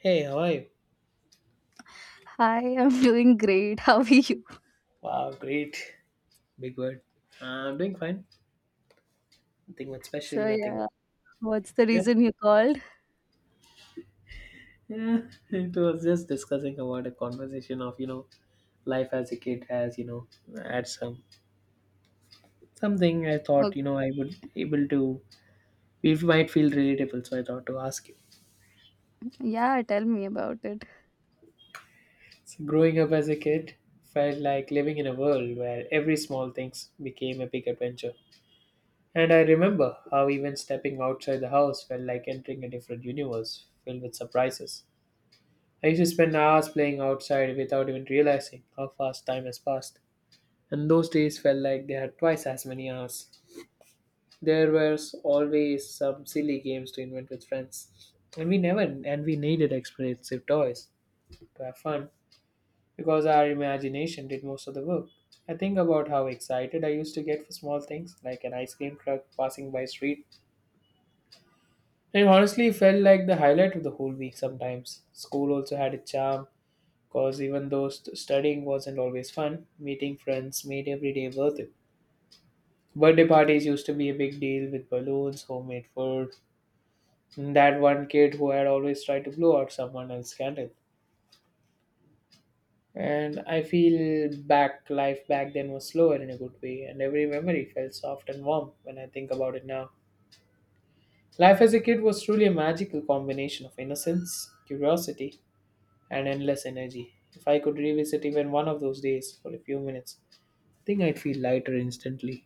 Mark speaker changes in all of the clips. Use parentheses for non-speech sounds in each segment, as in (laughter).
Speaker 1: Hey, how are you?
Speaker 2: Hi, (laughs) I'm doing great. How are you?
Speaker 1: Wow, great. Big word. I'm doing fine. Nothing much special,
Speaker 2: So,
Speaker 1: nothing
Speaker 2: yeah,
Speaker 1: much.
Speaker 2: what's the
Speaker 1: Yep.
Speaker 2: reason you called?
Speaker 1: Yeah, (laughs) it was just discussing about a conversation of, life as a kid has, had something I thought,
Speaker 2: Okay.
Speaker 1: I would able to it might feel relatable, so I thought to ask you.
Speaker 2: Yeah, tell me about it.
Speaker 1: So growing up as a kid felt like living in a world where every small things became a big adventure. And I remember how even stepping outside the house felt like entering a different universe filled with surprises. I used to spend hours playing outside without even realizing how fast time has passed. And those days felt like they had twice as many hours. There was always some silly games to invent with friends. And we never and we needed expensive toys to have fun because our imagination did most of the work. I think about how excited I used to get for small things like an ice cream truck passing by street. It honestly felt like the highlight of the whole week sometimes. School also had a charm because even though studying wasn't always fun, meeting friends made every day worth it. Birthday parties used to be a big deal with balloons, homemade food, and that one kid who had always tried to blow out someone else's candle. And I feel back life back then was slower in a good way, and every memory felt soft and warm when I think about it now. Life as a kid was truly a magical combination of innocence, curiosity, and endless energy. If I could revisit even one of those days for a few minutes, think I'd feel lighter instantly.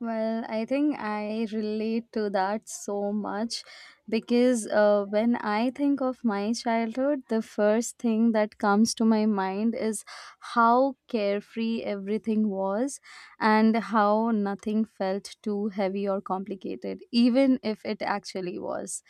Speaker 2: Well, I think I relate to that so much because when I think of my childhood, the first thing that comes to my mind is how carefree everything was and how nothing felt too heavy or complicated, even if it actually was.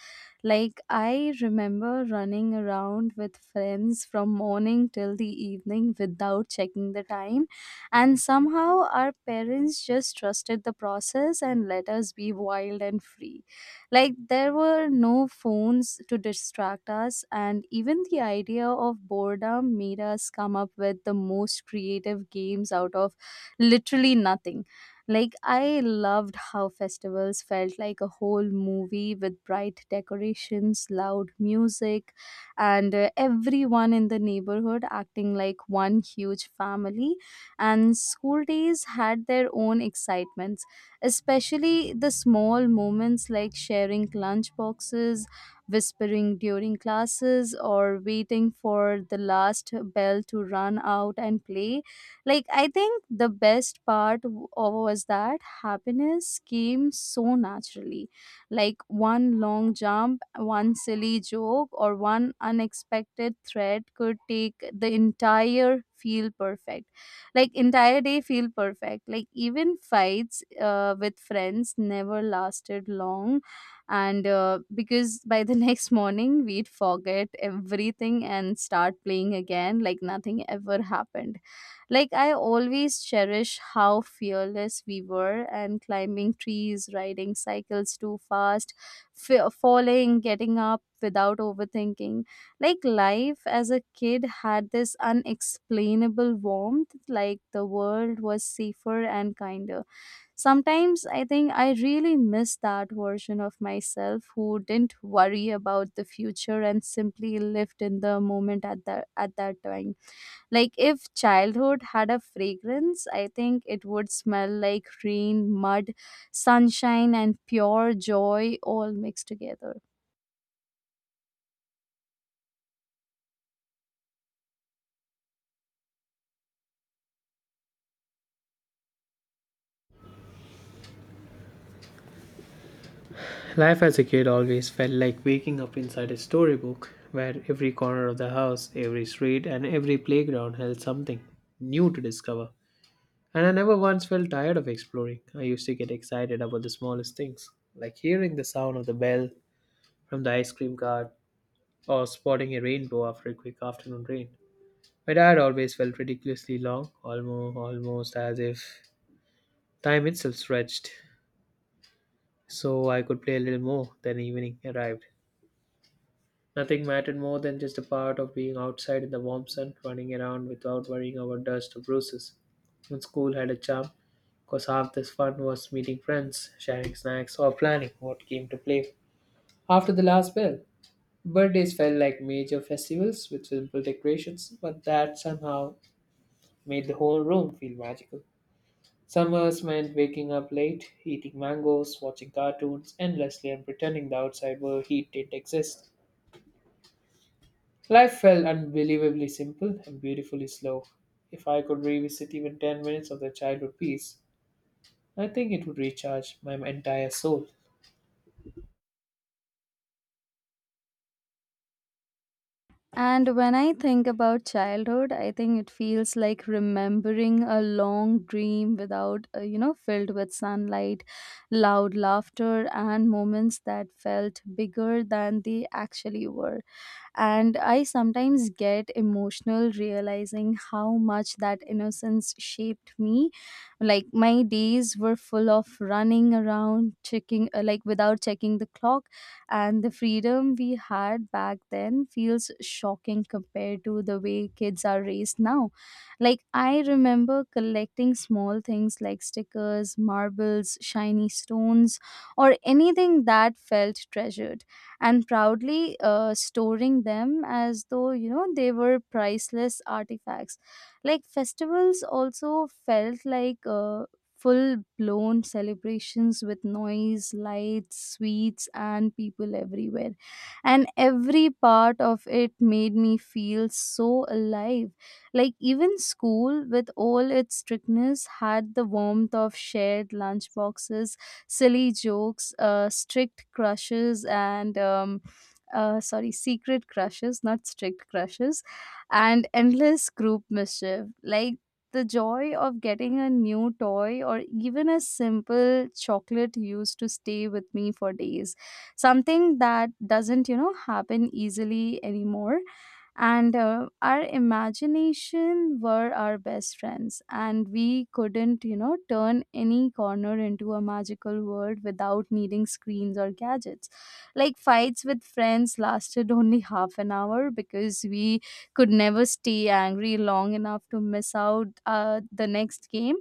Speaker 2: Like, I remember running around with friends from morning till the evening without checking the time, and somehow our parents just trusted the process and let us be wild and free. Like, there were no phones to distract us, and even the idea of boredom made us come up with the most creative games out of literally nothing. Like, I loved how festivals felt like a whole movie with bright decorations, loud music, and everyone in the neighborhood acting like one huge family, and school days had their own excitements, especially the small moments like sharing lunch boxes, whispering during classes, or waiting for the last bell to run out and play. Like, I think the best part was that happiness came so naturally. Like, one long jump, one silly joke, or one unexpected threat could take the entire feel perfect, like entire day feel perfect. Like, even fights with friends never lasted long, and because by the (laughs) next morning we'd forget everything and start playing again like nothing ever happened. Like, I always cherish how fearless we were, and climbing trees, riding cycles too fast, falling, getting up without overthinking. Like, life as a kid had this unexplainable warmth, like, the world was safer and kinder. Sometimes I think I really miss that version of myself who didn't worry about the future and simply lived in the moment at that time. Like, if childhood had a fragrance, I think it would smell like rain, mud, sunshine, and pure joy all mixed together.
Speaker 1: Life as a kid always felt like waking up inside a storybook, where every corner of the house, every street, and every playground held something new to discover. And I never once felt tired of exploring. I used to get excited about the smallest things, like hearing the sound of the bell from the ice cream cart or spotting a rainbow after a quick afternoon rain. My dad always felt ridiculously long, almost as if time itself stretched, so I could play a little more. Then evening arrived, nothing mattered more than just the part of being outside in the warm sun, running around without worrying about dust or bruises. And school had a charm, because half the fun was meeting friends, sharing snacks, or planning what game to play. After the last bell, birthdays felt like major festivals with simple decorations, but that somehow made the whole room feel magical. Summers meant waking up late, eating mangoes, watching cartoons endlessly, and pretending the outside world heat didn't exist. Life felt unbelievably simple and beautifully slow. If I could revisit even 10 minutes of the childhood peace, I think it would recharge my entire soul.
Speaker 2: And when I think about childhood, I think it feels like remembering a long dream without, filled with sunlight, loud laughter, and moments that felt bigger than they actually were. And I sometimes get emotional realizing how much that innocence shaped me. Like, my days were full of running around checking like, without checking the clock, and the freedom we had back then feels shocking compared to the way kids are raised now. Like, I remember collecting small things like stickers, marbles, shiny stones, or anything that felt treasured, and proudly storing them as though, they were priceless artifacts. Like, festivals also felt like full blown celebrations with noise, lights, sweets, and people everywhere, and every part of it made me feel so alive. Like, even school with all its strictness had the warmth of shared lunch boxes, silly jokes, strict crushes, and sorry, secret crushes, not strict crushes, and endless group mischief. Like, the joy of getting a new toy or even a simple chocolate used to stay with me for days. Something that doesn't, happen easily anymore. And our imagination were our best friends, and we couldn't, turn any corner into a magical world without needing screens or gadgets. Like, fights with friends lasted only (laughs) half an hour because we could never stay angry long enough to miss out the next game.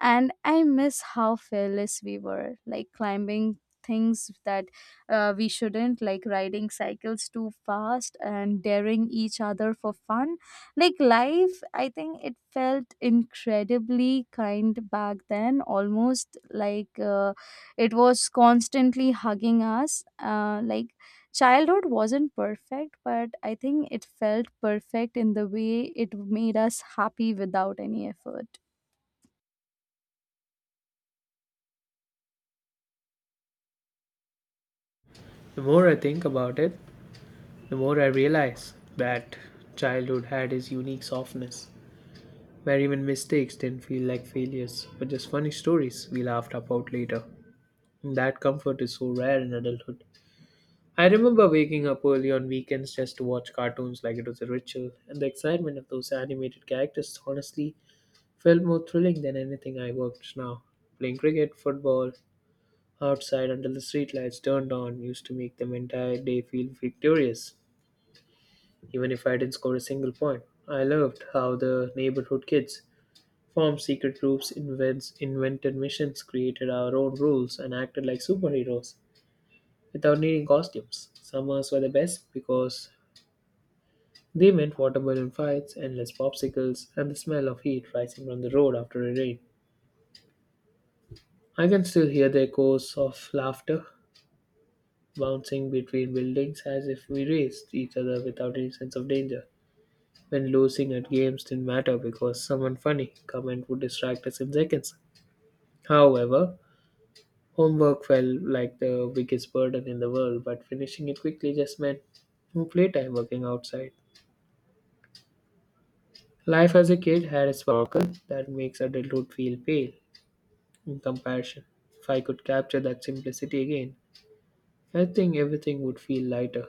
Speaker 2: And I miss how fearless we were, like climbing things that we shouldn't, like riding cycles too fast and daring each other for fun. Like, life, I think it felt incredibly kind back then, almost like it was constantly hugging us, like childhood wasn't perfect, but I think it felt perfect in the way it made us happy without any effort.
Speaker 1: The more I think about it, the more I realize that childhood had its unique softness, where even mistakes didn't feel like failures, but just funny stories we laughed about later. And that comfort is so rare in adulthood. I remember waking up early on weekends just to watch cartoons like it was a ritual, and the excitement of those animated characters honestly felt more thrilling than anything I worked now. Playing cricket, football, outside until the streetlights turned on used to make the entire day feel victorious, even if I didn't score a single point. I loved how the neighborhood kids formed secret groups, invented missions, created our own rules, and acted like superheroes without needing costumes. Summers were the best because they meant water balloon fights, endless popsicles, and the smell of heat rising from the road after a rain. I can still hear the echoes of laughter bouncing between buildings as if we raced each other without any sense of danger. When losing at games didn't matter because someone funny comment would distract us in seconds. However, homework felt like the biggest burden in the world, but finishing it quickly just meant more playtime working outside. Life as a kid had a sparkle that makes adulthood feel pale in comparison. If I could capture that simplicity again, I think everything would feel lighter.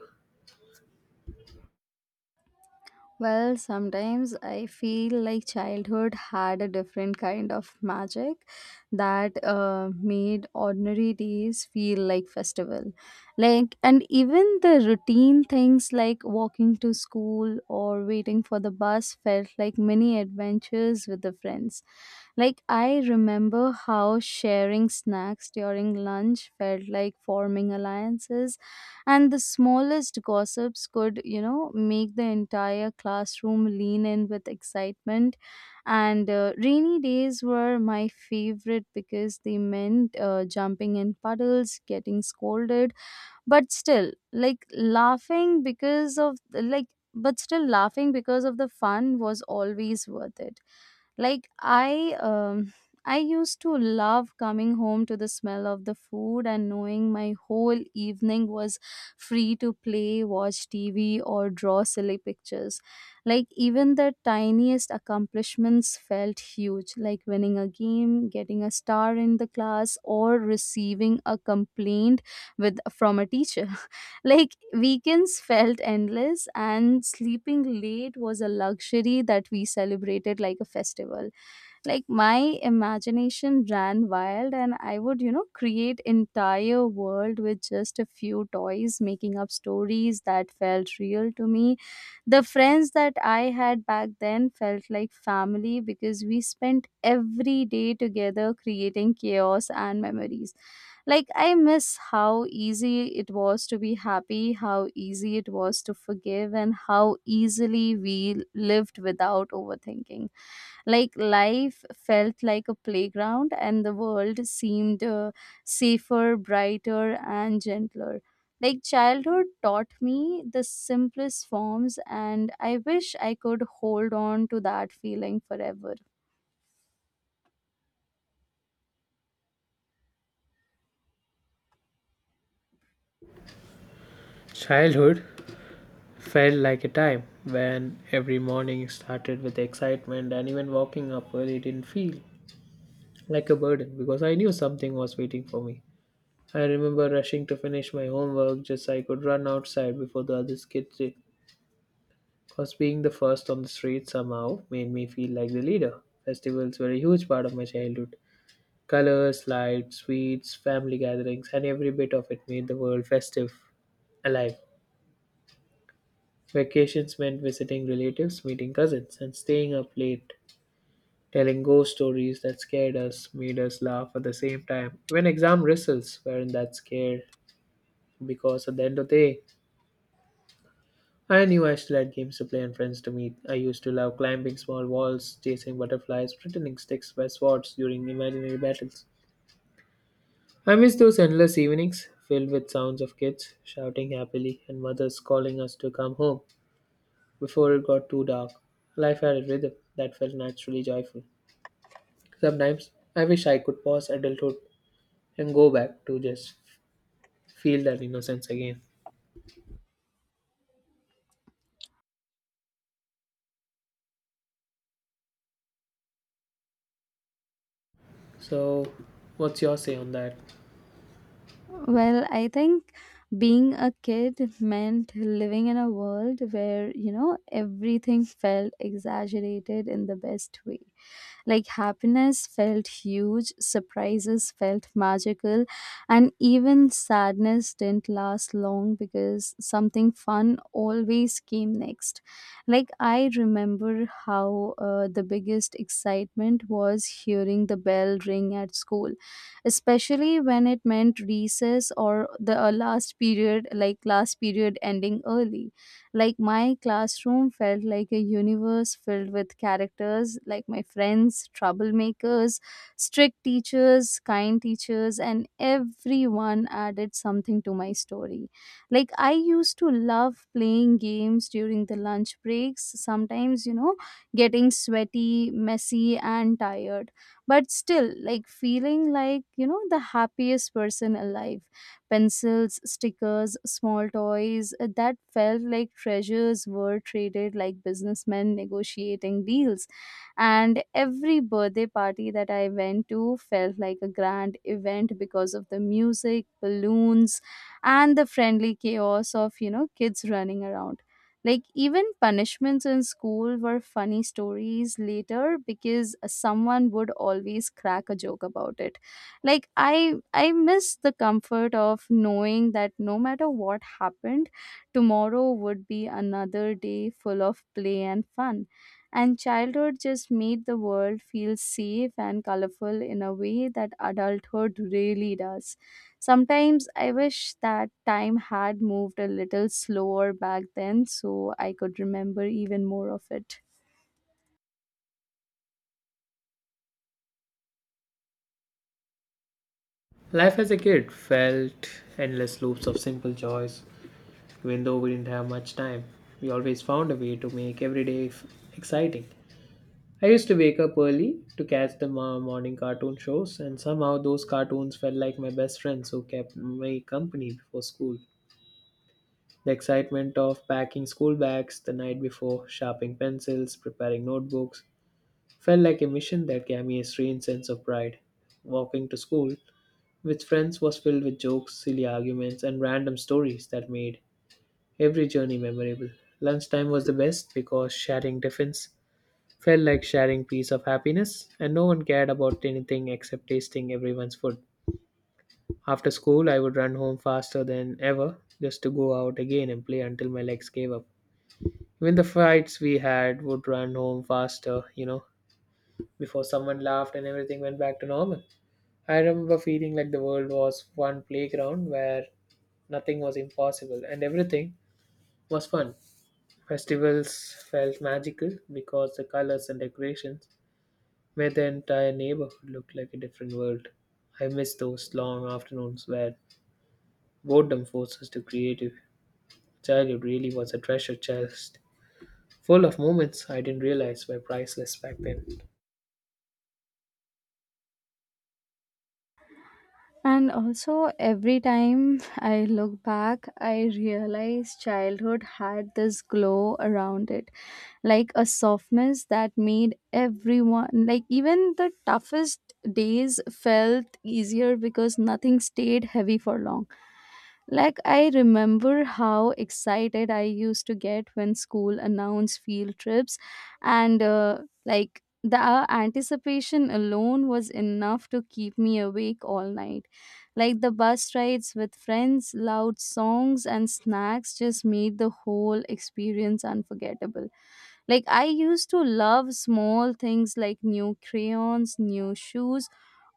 Speaker 2: Well, sometimes I feel like childhood had a different kind of magic that made ordinary days feel like festival. Like, and even the routine things like walking to school or waiting for the bus felt like mini adventures with the friends. Like, I remember how sharing snacks during lunch felt like forming alliances, and the smallest gossips could, make the entire classroom lean in with excitement. And rainy days were my favorite because they meant jumping in puddles, getting scolded, but still like laughing because of like but still laughing because of the fun was always worth it. Like, I used to love coming home to the smell of the food and knowing my whole evening was free to play, watch TV, or draw silly pictures. Like, even the tiniest accomplishments felt huge, like winning a game, getting a star in the class, or receiving a complaint with from a teacher. (laughs) Like, weekends felt endless, and sleeping late was a luxury that we celebrated like a festival. Like, my imagination ran wild, and I would, create entire world with just a few toys, making up stories that felt real to me. The friends that I had back then felt like family because we spent every day together creating chaos and memories. Like, I miss how easy it was to be happy, how easy it was to forgive, and how easily we lived without overthinking. Like, life felt like a playground, and the world seemed safer, brighter, and gentler. Like, childhood taught me the simplest forms, and I wish I could hold on to that feeling forever.
Speaker 1: Childhood felt like a time when every morning started with excitement, and even walking up early didn't feel like a burden because I knew something was waiting for me. I remember rushing to finish my homework just so I could run outside before the other kids did. Because being the first on the street somehow made me feel like the leader. Festivals were a huge part of my childhood. Colors, lights, sweets, family gatherings, and every bit of it made the world festive, alive. Vacations meant visiting relatives, meeting cousins, and staying up late, telling ghost stories that scared us, made us laugh at the same time. Even exam results weren't that scared because at the end of the day, I knew I still had games to play and friends to meet. I used to love climbing small walls, chasing butterflies, pretending sticks were swords during imaginary battles. I miss those endless evenings filled with sounds of kids shouting happily and mothers calling us to come home. Before it got too dark, life had a rhythm that felt naturally joyful. Sometimes I wish I could pause adulthood and go back to just feel that innocence again. So, what's your say on that?
Speaker 2: Well, I think being a kid meant living in a world where, everything felt exaggerated in the best way. Like, happiness felt huge, surprises felt magical, and even sadness didn't last long because something fun always came next. Like, I remember how the biggest excitement was hearing the bell ring at school, especially when it meant recess or the last period, like last period ending early. Like, my classroom felt like a universe filled with characters like my friends, troublemakers, strict teachers, kind teachers, and everyone added something to my story. Like, I used to love playing games during the lunch breaks, sometimes, getting sweaty, messy, and tired, but still, like feeling like, the happiest person alive. Pencils, stickers, small toys that felt like treasures were traded like businessmen negotiating deals. And every birthday party that I went to felt like a grand event because of the music, balloons, and the friendly chaos of, kids running around. Like, even punishments in school were funny stories later because someone would always crack a joke about it. Like, I miss the comfort of knowing that no matter what happened, tomorrow would be another day full of play and fun, and childhood just made the world feel safe and colorful in a way that adulthood really does. Sometimes I wish that time had moved a little slower back then so I could remember even more of it.
Speaker 1: Life as a kid felt endless loops of simple joys. Even though we didn't have much time, we always found a way to make every day exciting. I used to wake up early to catch the morning cartoon shows, and somehow those cartoons felt like my best friends who kept me company before school. The excitement of packing school bags the night before, sharpening pencils, preparing notebooks, felt like a mission that gave me a strange sense of pride. Walking to school with friends was filled with jokes, silly arguments, and random stories that made every journey memorable. Lunchtime was the best because sharing tiffins felt like sharing piece of happiness, and no one cared about anything except tasting everyone's food. After school, I would run home faster than ever just to go out again and play until my legs gave up. Even the fights we had would run home faster, before someone laughed and everything went back to normal. I remember feeling like the world was one playground where nothing was impossible and everything was fun. Festivals felt magical because the colors and decorations made the entire neighborhood look like a different world. I miss those long afternoons where boredom forced us to creative. Childhood really was a treasure chest full of moments I didn't realize were priceless back then.
Speaker 2: And also, every time I look back, I realize childhood had this glow around it, like a softness that made everyone, like even the toughest days, felt easier because nothing stayed heavy for long. Like, I remember how excited I used to get when school announced field trips, and like the anticipation alone was enough to keep me awake all night. Like, the bus rides with friends, loud songs, and snacks just made the whole experience unforgettable. Like, I used to love small things like new crayons, new shoes,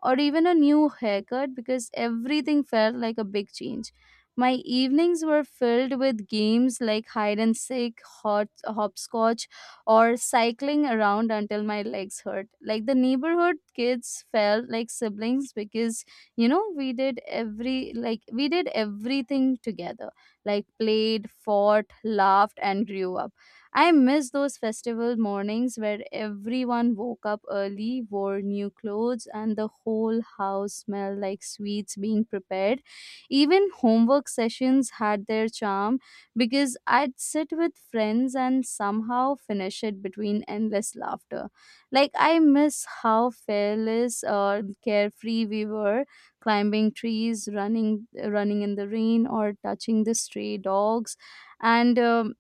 Speaker 2: or even a new haircut because everything felt like a big change. My evenings were filled with games like hide and seek, hopscotch, or cycling around until my legs hurt. Like, the neighborhood kids felt like siblings because, we did everything together. Like, played, fought, laughed, and grew up. I miss those festival mornings where everyone woke up early, wore new clothes, and the whole house smelled like sweets being prepared. Even homework sessions had their charm because I'd sit with friends and somehow finish it between endless laughter. Like, I miss how fearless or carefree we were, climbing trees, running in the rain, or touching the stray dogs and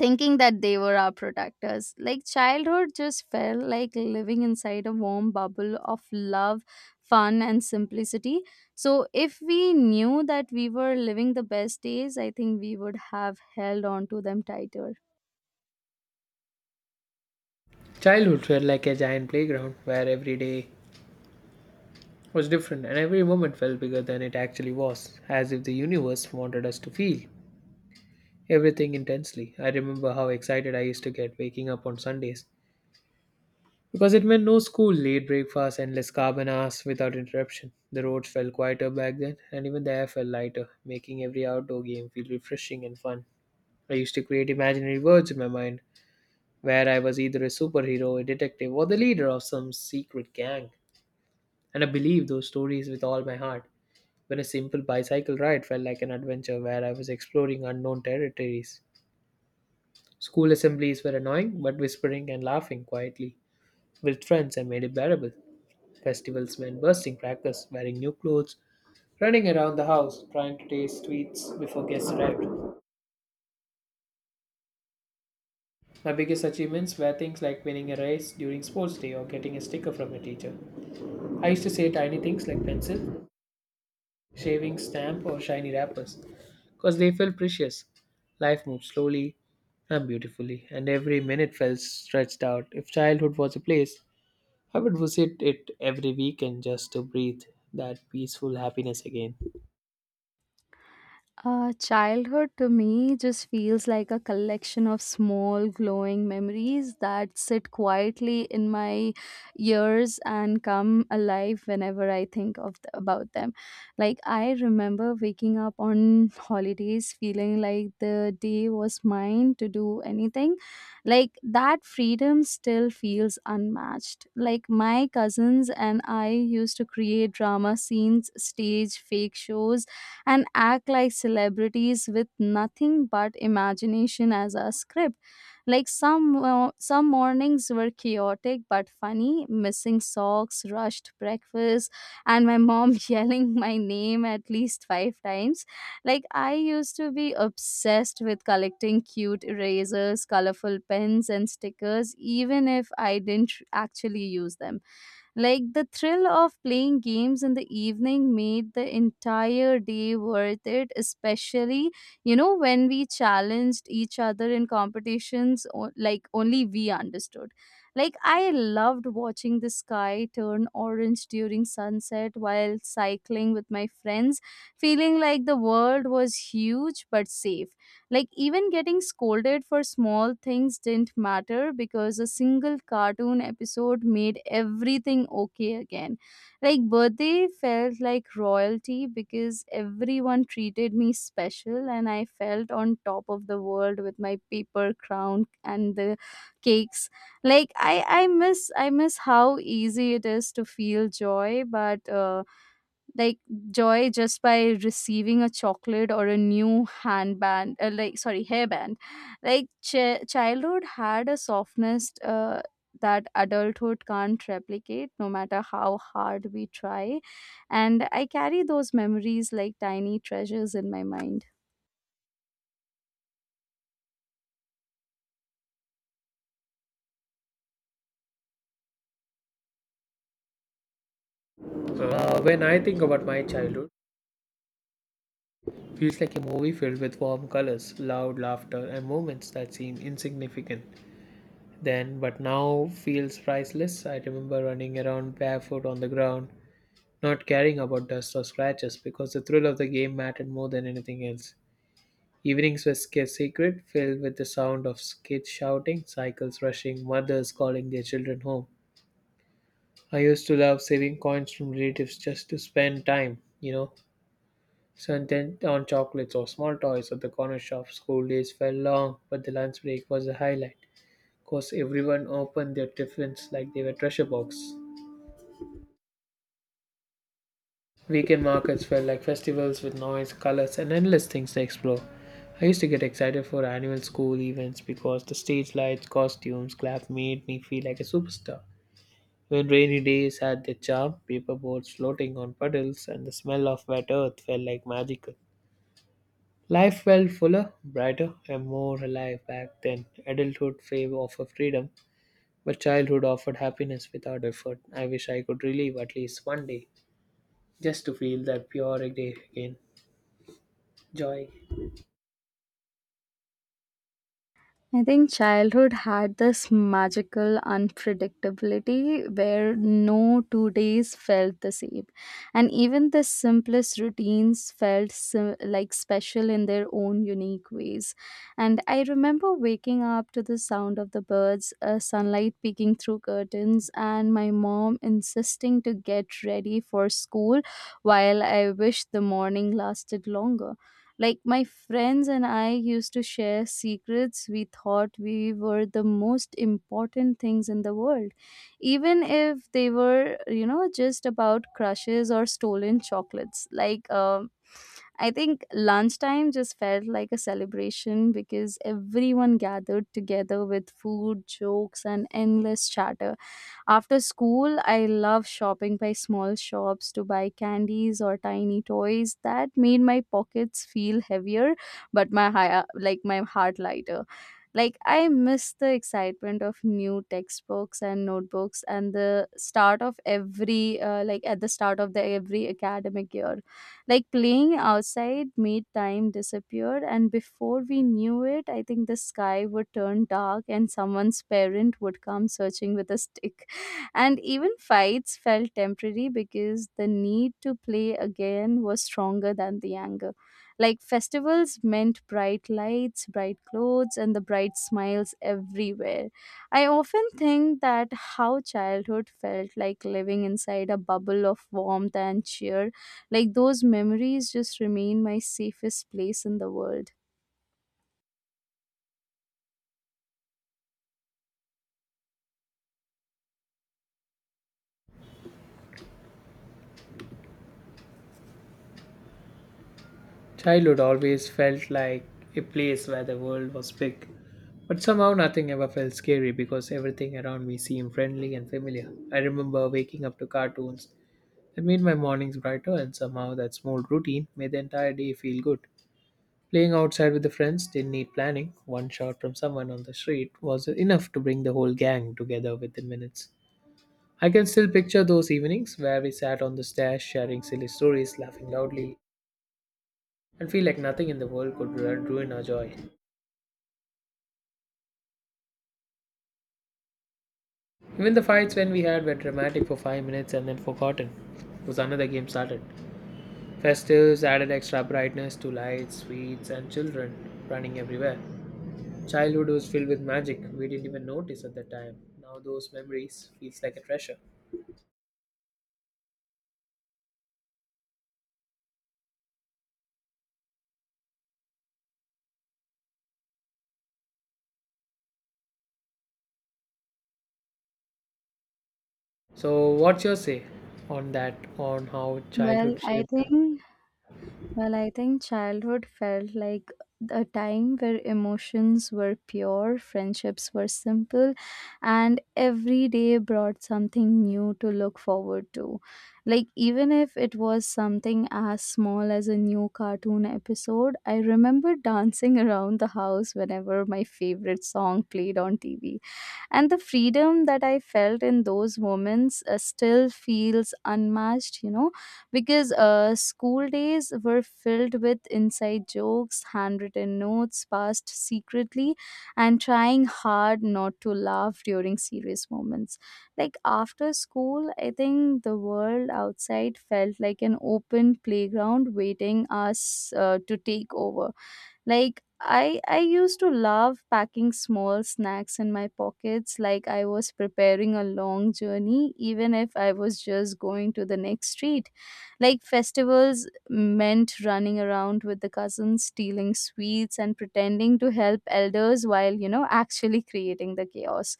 Speaker 2: thinking that they were our protectors. Like, childhood just felt like living inside a warm bubble of love, fun, and simplicity. So, if we knew that we were living the best days, I think we would have held on to them tighter.
Speaker 1: Childhood felt like a giant playground where every day was different and every moment felt bigger than it actually was, as if the universe wanted us to feel everything intensely. I remember how excited I used to get waking up on Sundays because it meant no school, late breakfast, endless carbon hours without interruption. The roads felt quieter back then, and even the air felt lighter, making every outdoor game feel refreshing and fun. I used to create imaginary worlds in my mind where I was either a superhero, a detective, or the leader of some secret gang. And I believe those stories with all my heart, when a simple bicycle ride felt like an adventure where I was exploring unknown territories. School assemblies were annoying, but whispering and laughing quietly. With friends, I made it bearable. Festivals meant bursting crackers, wearing new clothes, running around the house, trying to taste sweets before guests arrived. My biggest achievements were things like winning a race during sports day or getting a sticker from a teacher. I used to say tiny things like pencil, shaving stamp or shiny wrappers because they felt precious. Life moved slowly and beautifully, and every minute felt stretched out. If childhood was a place, I would visit it every weekend just to breathe that peaceful happiness again.
Speaker 2: Childhood to me just feels like a collection of small glowing memories that sit quietly in my ears and come alive whenever I think about them. Like, I remember waking up on holidays feeling like the day was mine to do anything. Like, that freedom still feels unmatched. Like, my cousins and I used to create drama scenes, stage fake shows, and act like celebrities with nothing but imagination as a script. Like some mornings were chaotic but funny, missing socks, rushed breakfast, and my mom (laughs) yelling my name at least 5 times. Like I used to be obsessed with collecting cute erasers, colorful pens, and stickers, even if I didn't actually use them like the thrill of playing games in the evening made the entire day worth it, especially, when we challenged each other in competitions, like only we understood. Like, I loved watching the sky turn orange during sunset while cycling with my friends, feeling like the world was huge but safe. Like, even getting scolded for small things didn't matter because a single cartoon episode made everything okay again. Like, birthday felt like royalty because everyone treated me special, and I felt on top of the world with my paper crown and the cakes like I miss how easy it is to feel joy but like joy just by receiving a chocolate or a new handband sorry, hairband like childhood had a softness that adulthood can't replicate no matter how hard we try, and I carry those memories like tiny treasures in my mind.
Speaker 1: When I think about my childhood, it feels like a movie filled with warm colors, loud laughter, and moments that seem insignificant then, but now feels priceless. I remember running around barefoot on the ground, not caring about dust or scratches because the thrill of the game mattered more than anything else. Evenings were sacred, filled with the sound of kids shouting, cycles rushing, mothers calling their children home. I used to love saving coins from relatives just to spend time, spent on chocolates or small toys at the corner shop. School days felt long, but the lunch break was the highlight. Of course, everyone opened their tiffins like they were treasure box. Weekend markets felt like festivals with noise, colors, and endless things to explore. I used to get excited for annual school events because the stage lights, costumes, clap made me feel like a superstar. When rainy days had their charm, paper boats floating on puddles, and the smell of wet earth felt like magical. Life felt fuller, brighter, and more alive back then. Adulthood fame offered freedom, but childhood offered happiness without effort. I wish I could relive at least one day just to feel that pure day again. Joy.
Speaker 2: I think childhood had this magical unpredictability where no 2 days felt the same. And even the simplest routines felt special in their own unique ways. And I remember waking up to the sound of the birds, sunlight peeking through curtains, and my mom insisting to get ready for school while I wished the morning lasted longer. Like my friends and I used to share secrets we thought we were the most important things in the world, even if they were, just about crushes or stolen chocolates. I think lunchtime just felt like a celebration because everyone gathered together with food, jokes, and endless chatter. After school, I love shopping by small shops to buy candies or tiny toys. That made my pockets feel heavier, but my heart lighter. Like I miss the excitement of new textbooks and notebooks and the start of every like at the start of the every academic year. Like playing outside made time disappear and before we knew it, I think the sky would turn dark and someone's parent would come searching with a stick. And even fights felt temporary because the need to play again was stronger than the anger. Like festivals meant bright lights, bright clothes, and the bright smiles everywhere. I often think that how childhood felt like living inside a bubble of warmth and cheer. Like those memories just remain my safest place in the world.
Speaker 1: Childhood always felt like a place where the world was big, but somehow nothing ever felt scary because everything around me seemed friendly and familiar. I remember waking up to cartoons that made my mornings brighter, and somehow that small routine made the entire day feel good. Playing outside with the friends didn't need planning. One shot from someone on the street was enough to bring the whole gang together within minutes. I can still picture those evenings where we sat on the stairs sharing silly stories, laughing loudly, and feel like nothing in the world could ruin our joy. Even the fights when we had were dramatic for 5 minutes and then forgotten. Was another game started. Festives added extra brightness to lights, sweets, and children running everywhere. Childhood was filled with magic we didn't even notice at the time. Now those memories feels like a treasure. So what's your say on that on how
Speaker 2: Well,
Speaker 1: childhood
Speaker 2: I
Speaker 1: shaped you?
Speaker 2: think Well, I think childhood felt like a time where emotions were pure, friendships were simple, and every day brought something new to look forward to. Like, even if it was something as small as a new cartoon episode, I remember dancing (laughs) around the house whenever my favorite song played on TV, and the freedom that I felt in those moments still feels unmatched, you know, because school days were filled with inside jokes, handwritten notes passed secretly, and trying hard not to laugh during serious moments. Like after school, I think the world outside felt like an open playground waiting us to take over. Like I used to love packing small snacks in my pockets like I was preparing a long journey even if I was just going to the next street. Like festivals meant running around with the cousins, stealing sweets, and pretending to help elders while, actually creating the chaos.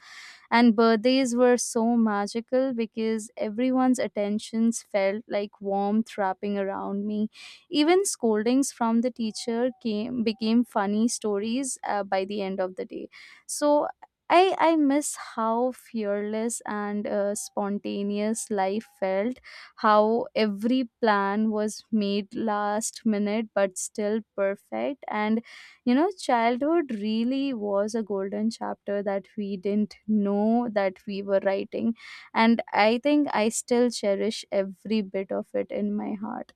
Speaker 2: And birthdays were so magical because everyone's attentions felt like warmth wrapping around me. Even scoldings from the teacher came became funny stories by the end of the day. So I miss how fearless and spontaneous life felt, how every plan was made last minute but still perfect, and you know childhood really was a golden chapter that we didn't know that we were writing, and I think I still cherish every bit of it in my heart.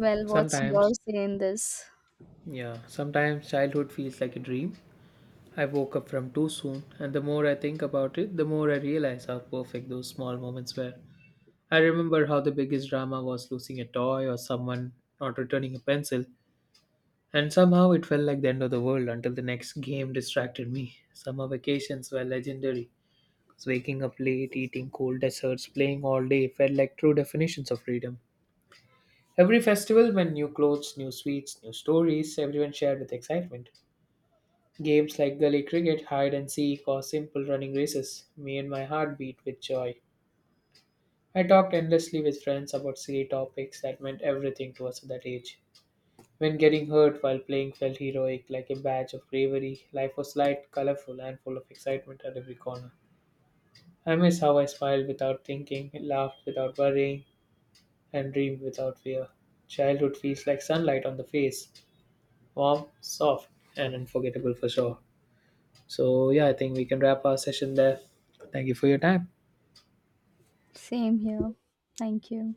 Speaker 2: Well, what's your
Speaker 1: Sometimes,
Speaker 2: say in this?
Speaker 1: yeah, sometimes childhood feels like a dream. I woke up from too soon, and the more I think about it, the more I realize how perfect those small moments were. I remember how the biggest drama was losing a toy or someone not returning a pencil, and somehow it felt like the end of the world until the next game distracted me. Summer vacations were legendary. Waking up late, eating cold desserts, playing all day felt like true definitions of freedom. Every festival meant new clothes, new sweets, new stories, everyone shared with excitement. Games like gully cricket, hide and seek, or simple running races, me and my heart beat with joy. I talked endlessly with friends about silly topics that meant everything to us at that age. When getting hurt while playing felt heroic, like a badge of bravery, life was light, colorful, and full of excitement at every corner. I miss how I smiled without thinking, laughed without worrying, and dreamed without fear. Childhood feels like sunlight on the face, warm, soft, and unforgettable for sure. So, yeah, I think we can wrap our session there. Thank you for your time.
Speaker 2: Same here. Thank you.